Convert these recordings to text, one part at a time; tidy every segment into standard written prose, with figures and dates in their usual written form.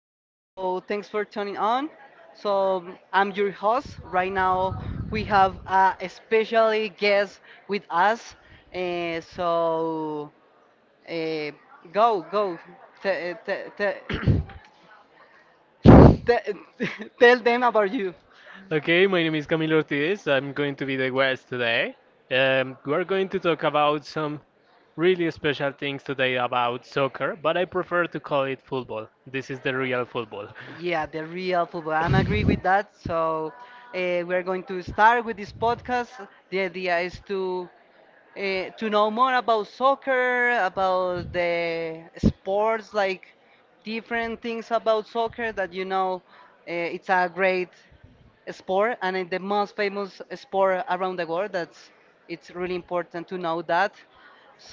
So, thanks for tuning on. So, I'm your host. Right now, we have a special guest with us. Eh, so, eh, go, go. Te- eh, te- te- te- Tell them about you. Okay, my name is Camilo Ortiz. I'm going to be the guest today. We're going to talk about some really special things today about soccer, but I prefer to call it football. This is the real football. Yeah, the real football. I'm agree with that. So we're going to start with this podcast. The idea is to know more about soccer, about the sports, like different things about soccer that you know, it's a great sport and it's the most famous sport around the world. That's it's really important to know that.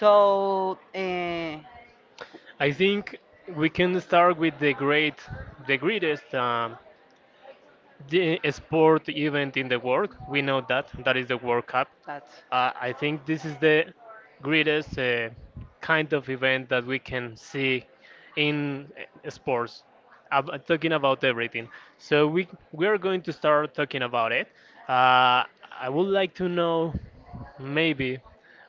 So I think we can start with the greatest um, the sport event in the world. We know that that is the World Cup. that's. I think this is the greatest kind of event that we can see in sports. Talking about everything, so we are going to start talking about it. Uh, I would like to know, maybe,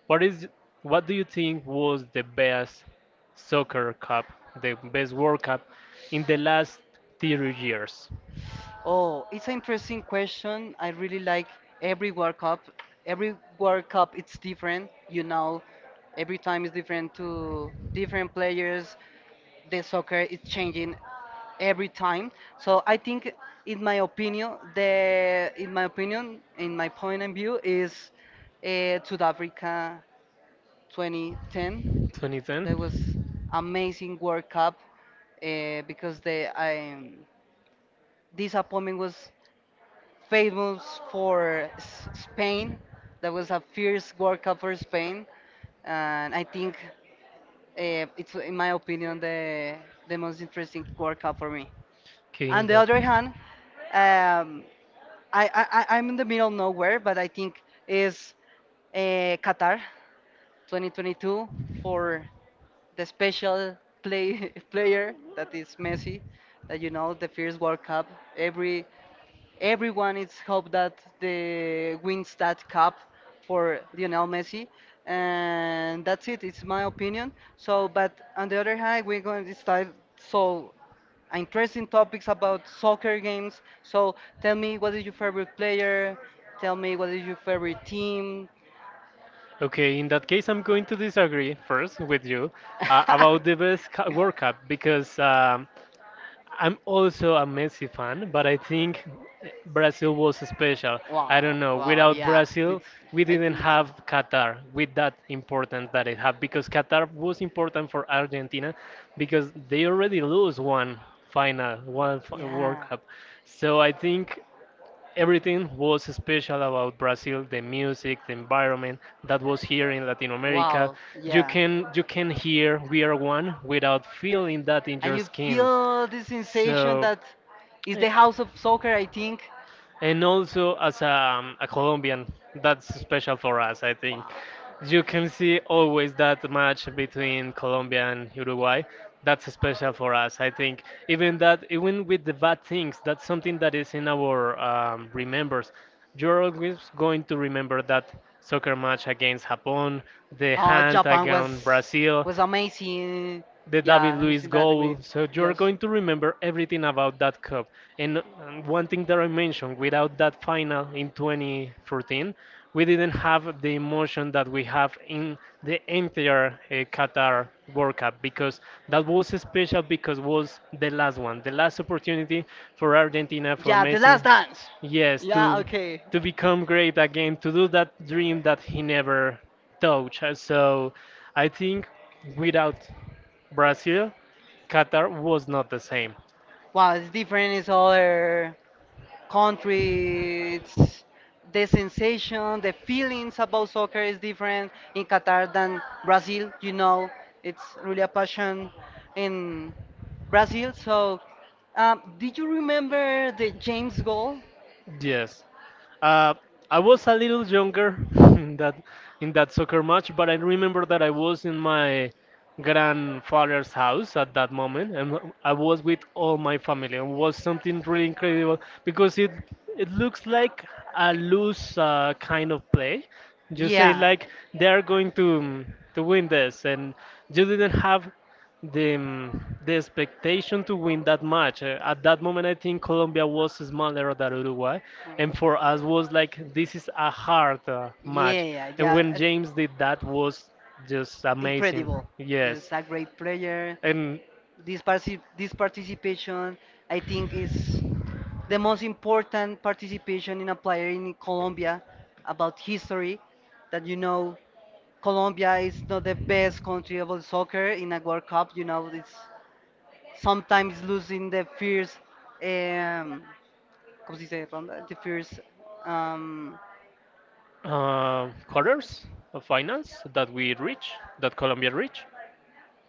what is what do you think was the best soccer cup, the best World Cup in the last 30 years? Oh, it's an interesting question. I really like every World Cup. Every World Cup, it's different. You know, every time is different to different players. The soccer is changing every time. So I think, in my opinion, in my point of view, is South Africa 2010. 2010? That was amazing World Cup because the disappointment was famous for Spain. That was a fierce World Cup for Spain, and I think it's, in my opinion, the most interesting World Cup for me. Okay, in On the that. other hand, um, I'm in the middle of nowhere, but I think is Qatar 2022 for the special play player that is Messi, that you know the first World Cup. Every everyone is hope that the wins that cup for Lionel Messi, and that's it. It's my opinion. So, but on the other hand, we're going to start so interesting topics about soccer games. So, tell me what is your favorite player? Tell me what is your favorite team? Okay, in that case, I'm going to disagree first with you about the best World Cup because I'm also a Messi fan, but I think Brazil was special. I don't know. Without Brazil, we didn't have Qatar with that importance that it had because Qatar was important for Argentina because they already lose one final, World Yeah. Cup. So I think everything was special about Brazil, the music, the environment that was here in Latin America. You You can hear We Are One without feeling that in And your you intensity skin. feel the sensation So, that is eh, the house of soccer, I think. and also as a Colombian, that's special for us, I think. You can see always that match between Colombia and Uruguay. That's special for us, I think. Even that, even with the bad things, that's something that is in our remembers. You're always going to remember that soccer match against Japan, the hand against Brazil, Amazing. the David Luiz Losing. With. goal. So you're going to remember everything about that cup. And one Can. thing that I mentioned, without that final in 2014, we didn't have the emotion that we have in the entire Qatar World Cup because that was special because was the last one, the last opportunity for Argentina, for Messi, Last dance. yes, to Okay. To. Become great again, to do that dream that he never touched. So I think without Brazil, Qatar was not the same. Wow, it's different. It's other country. It's the sensation, the feelings about soccer is different in Qatar than Brazil. You know, it's really a passion in Brazil. So, did you remember the James goal? Yes, uh, I was a little younger in that soccer match, but I remember that I was in my grandfather's house at that moment, and I was with all my family, and was something really incredible because it looks like a loose kind of play. You say yeah, Yeah, like they are going to win this, and you didn't have the expectation to win that match. At that moment, I think Colombia was smaller than Uruguay, and for us was like this is a hard match. yeah, And when yeah. James did that, was just amazing. Incredible. Yes, Just a great player. and This participation, I think, is. The most important participation in a player in Colombia about history that you know Colombia is not the best country about soccer in a World Cup. You know, it's sometimes losing the first, um, ¿cómo se dice? Ronda? The first um, uh, quarters of finals that we reach, that Colombia reached.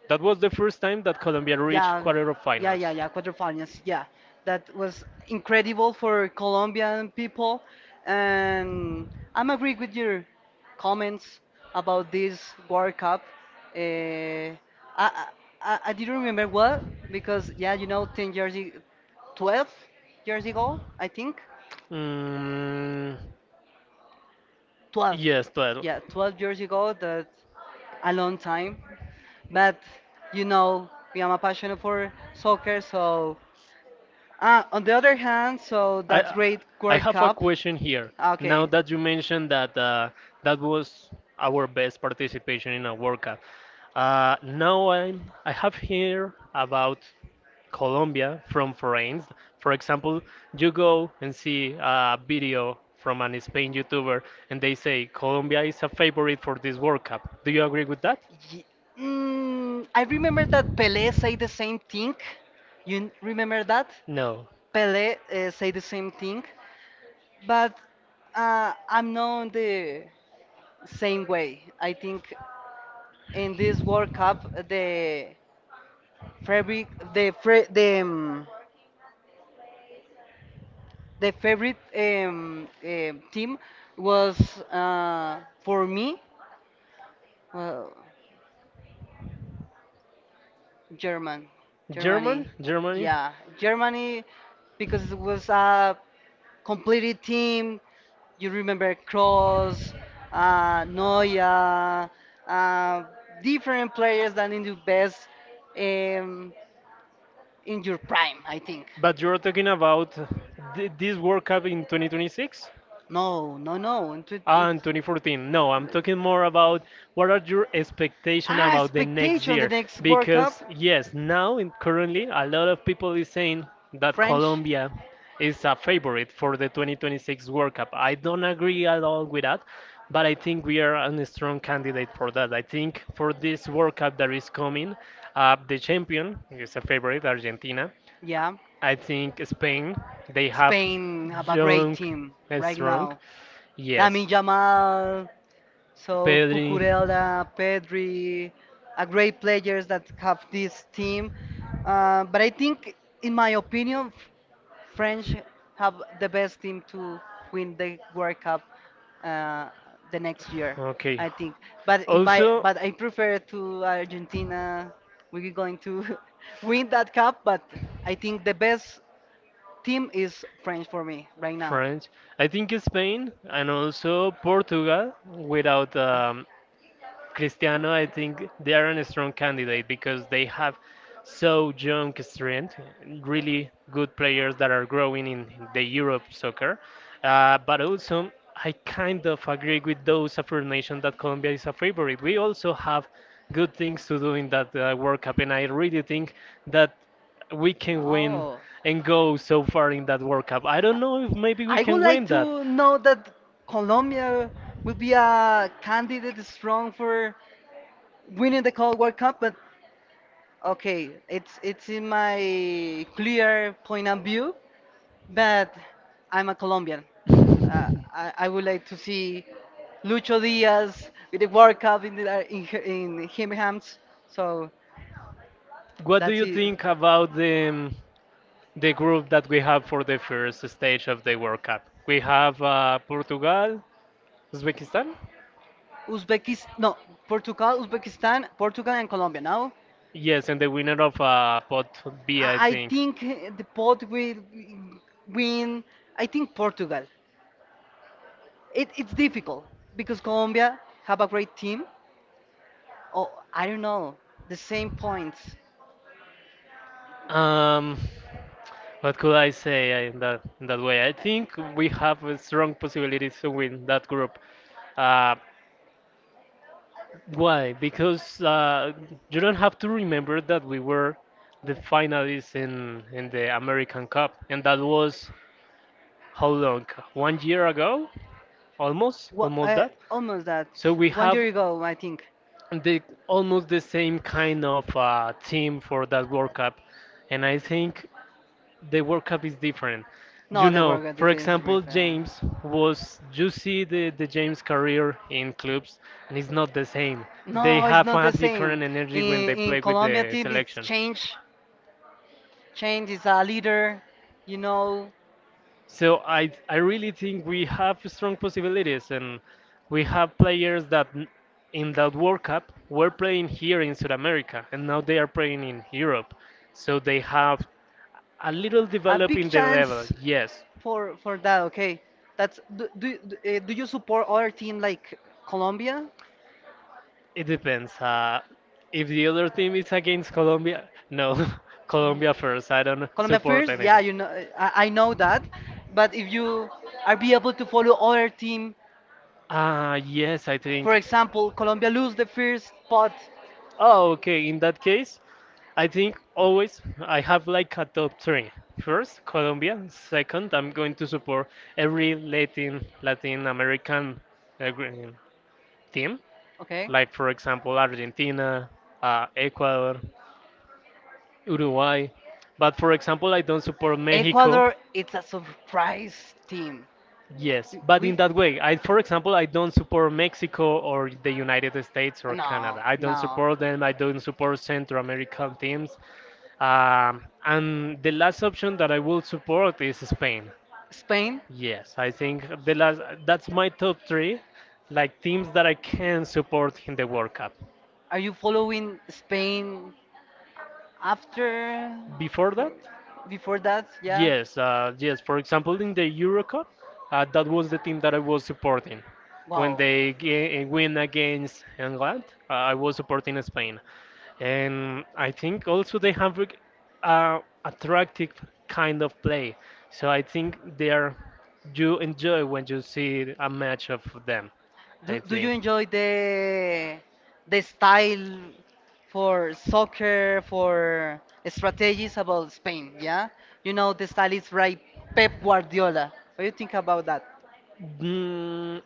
That was the first time that Colombia reached yeah, quarter of yeah, finals. yeah, yeah, quarterfinals. Yeah, that was incredible for Colombian people, and I'm agree with your comments about this World Cup. Uh, I, I I didn't remember what because yeah, 10 years, 12 years ago, I think Mm, 12. yes, but Yeah, 12 years ago. That a long time, but you know, I'm a passionate for soccer, so on the other hand, so I that's great I World have a Cup. question here. Now, Okay. okay, that you mentioned that that was our best participation in a World Cup, now I have here about Colombia from foreigns. For example, you go and see a video from an Spain YouTuber and they say Colombia is a favorite for this World Cup. Do you agree with that? Ye- I remember that Pelé say the same thing. You remember that? No. Pelé say the same thing. But I'm not the same way. I think in this World Cup, the favorite, the fra- the favorite team was for me uh, German, German? Germany. Germany? Yeah, Germany because it was a completed team. You remember Kroos, Neuer, uh, different players than in the best um, in your prime, I think. But you're talking about this World Cup in 2026? No, no, no. and it- Ah, in it's- 2014. No, I'm talking more about what are your expectations ah, about the next expectation. The year? next World Cup. Because yes, now in currently a lot of people is saying that French. Colombia is a favorite for the 2026 World Cup. I don't agree at all with that, but I think we are a strong candidate for that. I think for this World Cup that is coming, the champion is a favorite, Argentina. Yeah, I think Spain, they have Spain have a great young team and right strong. now. Yes. Lamine Yamal, so Pedri, Cucurella, Pedri, are great players that have this team. But I think, in my opinion, French have the best team to win the World Cup uh, the next year. okay. I think, but in my Also, but I prefer to Argentina. We're going to win that cup, but I think the best team is French for me right now. French. I think Spain and also Portugal without Cristiano, I think they are a strong candidate because they have so young strength, really good players that are growing in the Europe soccer. But also, I kind of agree with those affirmations that Colombia is a favorite. We also have good things to do in that World Cup, and I really think that we can win No. and go so far in that World Cup. I don't know if maybe we I would can like win that. to know that Colombia will be a candidate strong for winning the Cold War Cup, but okay, it's in my clear point of view, but I'm a Colombian. I would like to see Lucho Diaz with the World Cup in, the, in, her- in him hands, so What do that's you it. think about the group that we have for the first stage of the World Cup? We have Portugal, Uzbekistan. Uzbekistan, no, Portugal, Uzbekistan, Portugal and Colombia now. Yes, and the winner of Pot B, I I think. think the pot will win. I think Portugal. It's difficult because Colombia have a great team. Oh, I don't know. The same points. Um, what could I say in that way? I think we have a strong possibilities to win that group. Uh, Why? Because you don't have to remember that we were the finalists in the American Cup, and that was how long? One year ago, almost, What, almost that. almost that. So we One have year ago, I think. the almost the same kind of team for that World Cup, and I think the World Cup is different. You No, they were know, good. The for Prince example, River. James was you see the James career in clubs and it's not the same. They No, it's have not a the same. different energy when In they in play with Colombia the team, it's selection. change. Change is a leader. You know, So I really think we have strong possibilities and we have players that in that World Cup were playing here in South America and now they are playing in Europe. So they have a little a develop big in the level, chance yes. for that. Okay, that's do you support other team like Colombia? It depends. If the other team is against Colombia, no, Colombia first. I don't Colombia support first? anything. Yeah, you know, I know that. But if you are be able to follow other team, Ah, yes, I for for think. example, Colombia lose the first pot. Oh, okay. In that case, I think always I have like a top three. First, Colombia. Second, I'm going to support every Latin American uh, gr- team, Okay. like for example Argentina, Ecuador, Uruguay. But for example, I don't support Mexico. Ecuador it's a surprise team. Yes, but in We that way, I, for example, I don't support Mexico or the United States or no, Canada. I don't no. support them. I don't support Central American teams. And the last option that I will support is Spain. Spain? Yes, I think the last, that's my top three, like teams that I can support in the World Cup. Are you following Spain after Before that. for- before that? Yeah. Yes, yes. For example, in the EuroCup, that was the team that I was supporting. When Wow. they win against England, I was supporting Spain, and I think also they have like, a attractive kind of play. So I think they are you enjoy when you see a match of them. I Do you think. enjoy the style for soccer for strategies about Spain? Yeah, you know the style is right, Pep Guardiola. What do you think about that? Mm,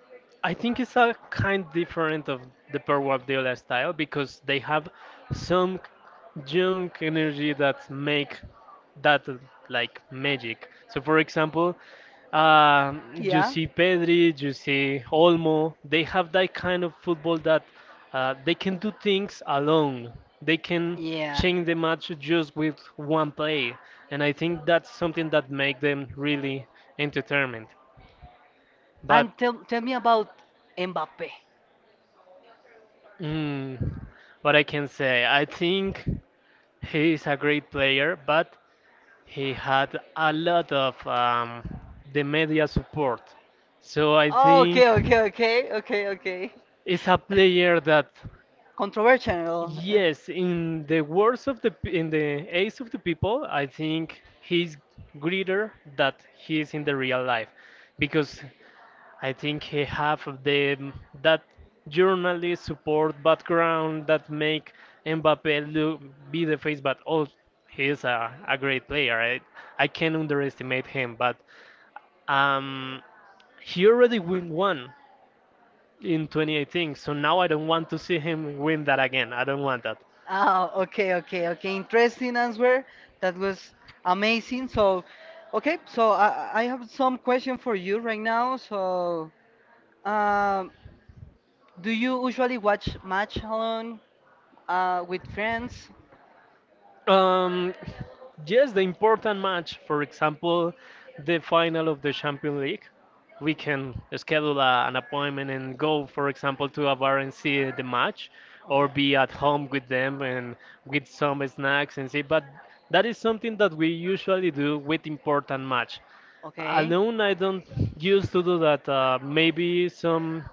I think it's a kind different of the Pep Guardiola style because they have some young energy that make that like magic. So, for example, you Yeah. see Pedri, you see Olmo. They have that kind of football that they can do things alone. They can Yeah. change the match just with one play, and I think that's something that make them really entertainment. But, And tell me about Mbappe. mm, what I can say, I think he is a great player, but he had a lot of the media support. So I Oh, think okay, okay, okay, okay, okay. it's a player that, Controversial. Yes, in the eyes of the people, I think he's greater that he is in the real life, because I think he have the that journalist support background that make Mbappe look be the face, but oh, he is a great player. I can't underestimate him, but um, he already win one in 2018, so now I don't want to see him win that again. I don't want that. Okay, okay, okay. Interesting answer. That was amazing. So, okay, so I have some question for you right now. So, um, do you usually watch match alone with friends? Um, yes, the important match, for example, the final of the Champions League, we can schedule an appointment and go, for example, to a bar and see the match, or Okay. be at Or. home with them and with some snacks and see. But that is something that we usually do with important match. Okay. Alone, I don't used to do that. Maybe some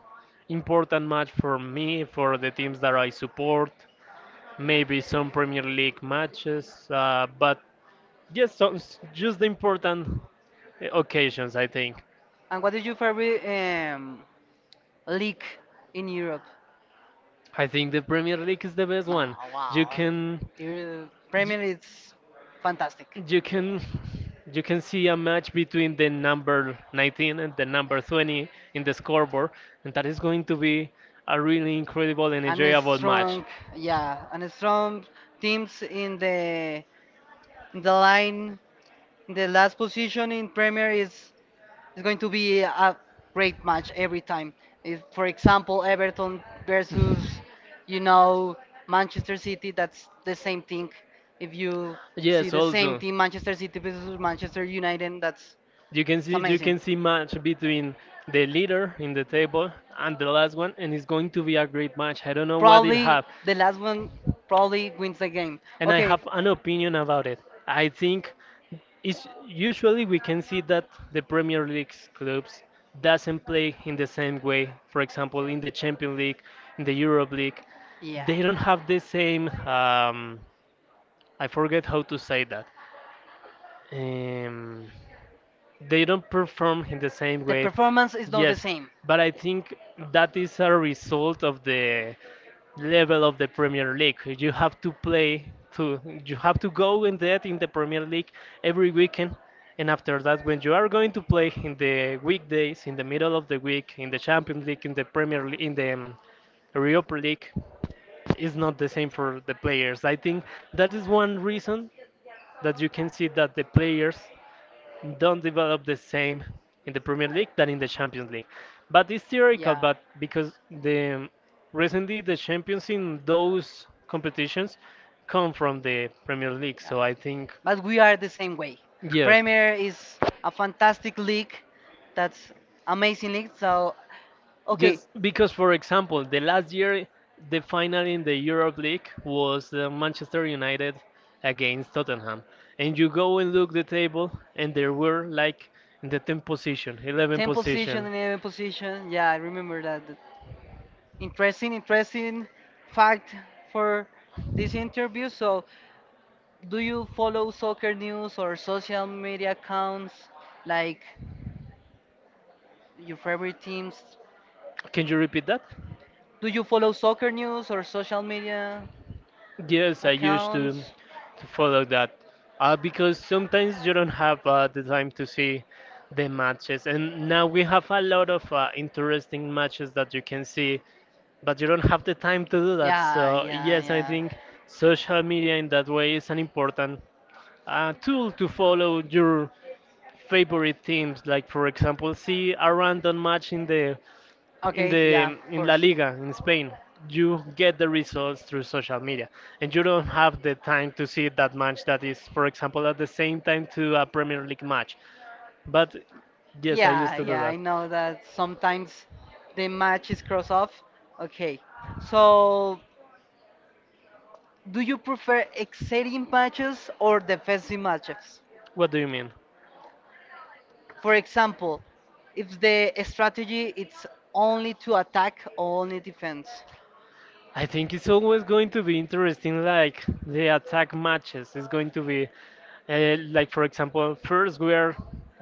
important match for me, for the teams that I support, maybe some Premier League matches, but yes, so, just the important occasions, I think. And what is your favorite league in Europe? I think the Premier League is the best No, one. You wow. can Your Premier is fantastic. you can you can see a match between the number 19 and the number 20 in the scoreboard, and that is going to be a really incredible and A enjoyable match. strong, yeah, and a strong teams in the line, in the last position in Premier is. It's going to be a great match every time. If, for example, Everton versus, you know, Manchester City, that's the same thing. If you see Yes, the same also team, Manchester City versus Manchester United, that's you can it's see you amazing. can see match between the leader in the table and the last one, and it's going to be a great match. I don't know what it Probably have, the last one probably wins the game. and I Okay, have an opinion about it. I think it's usually we can see that the Premier League clubs doesn't play in the same way. For example, in the Champions League, in the Europe League, yeah. they don't have the same. I forget how to say that. um, they don't perform in the same The way. performance is not the Yes, same. but I think that is a result of the level of the Premier League. You have to play to you have to go in the Premier League every weekend. And after that, when you are going to play in the weekdays, in the middle of the week, in the Champions League, in the Premier League, in the Europa League, is not the same for the players. I think that is one reason that you can see that the players don't develop the same in the Premier League than in the Champions League. But it's theoretical, Yeah. but because the recently the champions in those competitions come from the Premier League, Yeah. so I think But we are the same way. yes. Premier is a fantastic league. That's amazing league. So, okay, Just because, for example, the last year the final in the Europe League was Manchester United against Tottenham, and you go and look the table, and there were like in the 10th position, 11th 10 position, position. 11 position. Yeah, I remember that. Interesting, interesting fact for this interview. So, do you follow soccer news or social media accounts like your favorite teams? Can you repeat that? Do you follow soccer news or social media Yes, I used to accounts? to follow that because sometimes you don't have the time to see the matches, and now we have a lot of interesting matches that you can see but you don't have the time to do that. Yeah, So yeah, yes, I yeah. think social media in that way is an important tool to follow your favorite teams. Like for example, see a random match in the in Okay, the yeah, of in La course. Liga in Spain. You get the results through social media, and you don't have the time to see that match that is, for example, at the same time to a Premier League match. But yes, I used Yeah, to do yeah, that. I know that sometimes the match is cross off. Okay, so do you prefer exciting matches or defensive matches? What do you mean? For example, if the strategy it's only to attack or only defense. I think it's always going to be interesting, like the attack matches. It's going to be, like for example, first where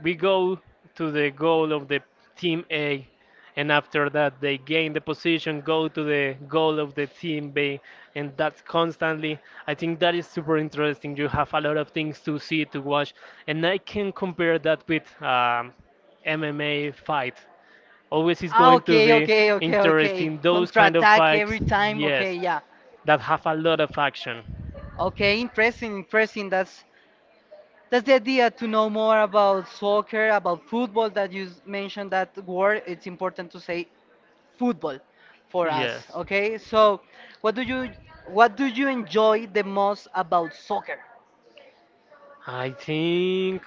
we go to the goal of the team A, and after that they gain the position, go to the goal of the team B, and that's constantly. I think that is super interesting. You have a lot of things to see to watch, and I can compare that with MMA fight. Always is Ah, going to okay, be okay, okay, okay. interesting. Those Contra kind of attack every fights, time. Okay, yes, yeah. that have a lot of action. Okay, interesting, interesting. That's the idea to know more about soccer, about football. That you mentioned that word, it's important to say football for us. Yes. Okay, so what do you what do you enjoy the most about soccer, I think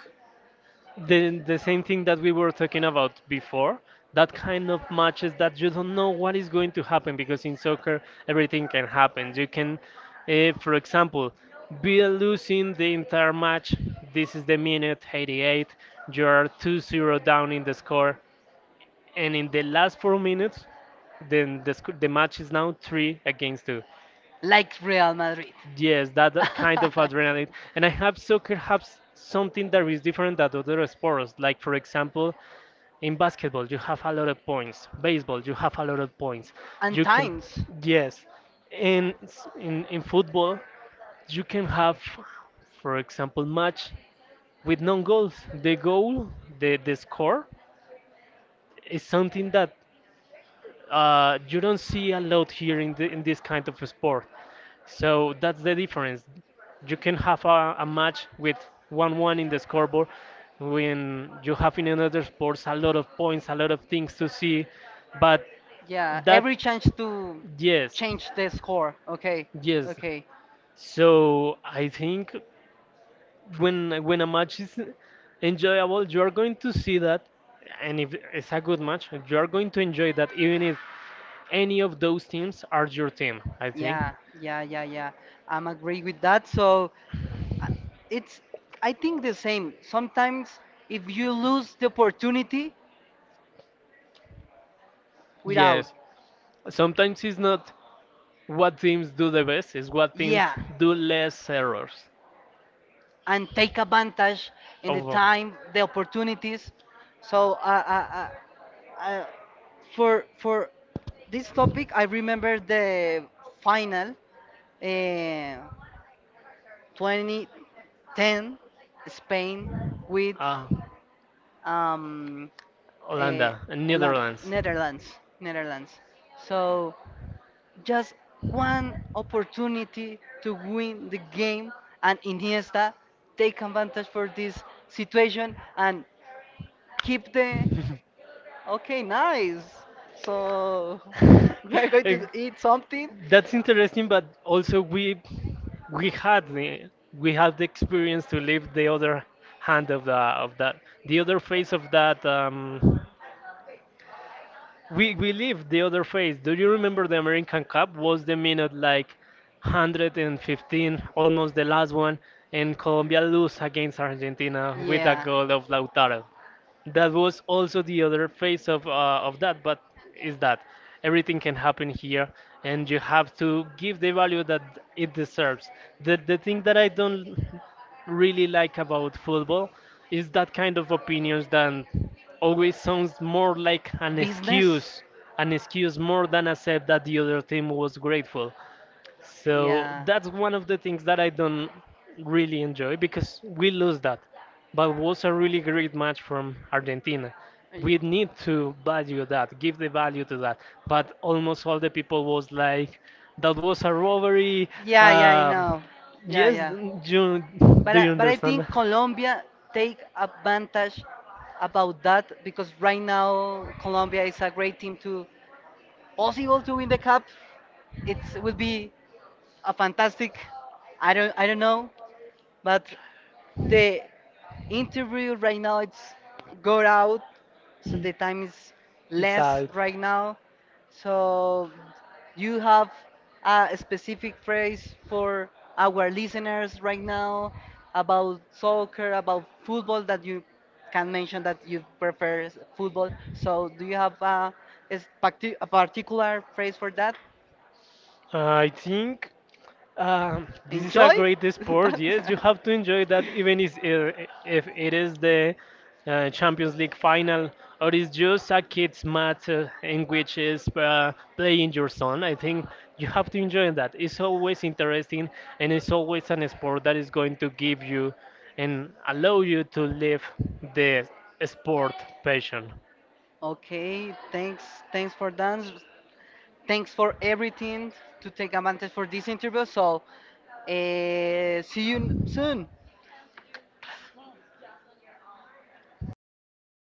the same thing that we were talking about before, that kind of matches that you don't know what is going to happen, because in soccer everything can happen. You can, for example, be losing the entire match. This is the minute 88. You're 2-0 down in the score, and in the last 4 minutes then the match is now 3 against 2. like Real Madrid? Yes, that kind of adrenaline, and I have soccer has something that is different than other sports, like for example in basketball, you have a lot of points. Baseball, you have a lot of points. And You can, times, yes. In s- in football, you can have, for example, match with non goals. The goal, the score, is something that you don't see a lot here in this kind of sport. So that's the difference. You can have a match with 1-1 in the scoreboard when you have in another sports a lot of points, a lot of things to see, but yeah, that, every chance to yes, change the score. Okay, yes. okay. So I think when a match is enjoyable, you are going to see that, and if it's a good match, you are going to enjoy that, even if any of those teams are your team. I think. Yeah, yeah, yeah, yeah. I'm agree with that. So uh, it's I think the same. Sometimes if you lose the opportunity without, Yes. Sometimes it's not what teams do the best is what teams yeah, do less errors. and take advantage in the Of time, the opportunities. So uh, uh, for this topic, I remember the final uh, 2010 Spain with ah, um, uh, Holanda and land, Netherlands. Netherlands. So just one opportunity to win the game, and Iniesta take advantage for this situation and keep the. Okay, nice. So we're going Eh, to eat something. That's interesting, but also we had the experience to live the other hand of that, the other face of that, we lived the other face. Do you remember the American Cup was the minute like 115, almost the last one, and Colombia lose against Argentina with a Yeah. goal of Lautaro that was also the other phase of that, but is that everything can happen here, and you have to give the value that it deserves. The thing that I don't really like about football is that kind of opinions that always sounds more like an Business? Excuse. excuse, more than accept that the other team was grateful, So so yeah. that's one of the things that I don't really enjoy because we lose that. But it was a really great match from Argentina. We Y- need to value that, give the value to that. But almost all the people was like, that was a robbery. Yeah, yeah, I Um, know. Yeah, yes, yeah. you, do Yeah, you but I understand? think Colombia take advantage about that because right now Colombia is a great team to possible to win the cup. It would be a fantastic. I don't know, but the interview right now it's go out, so the time is less right now. So you have a specific phrase for our listeners right now about soccer, about football that you can mention that you prefer football. So do you have a, a particular phrase for that? I think this is a Enjoy? great sport. That's. Yes, you have to enjoy that, even if it is the Champions League final or it's just a kids' match in which is playing your son. I think you have to enjoy that. It's always interesting and it's always an sport that is going to give you and allow you to live the sport passion. Okay, thanks, thanks for dance, thanks for everything to take advantage for this interview. So, see you soon.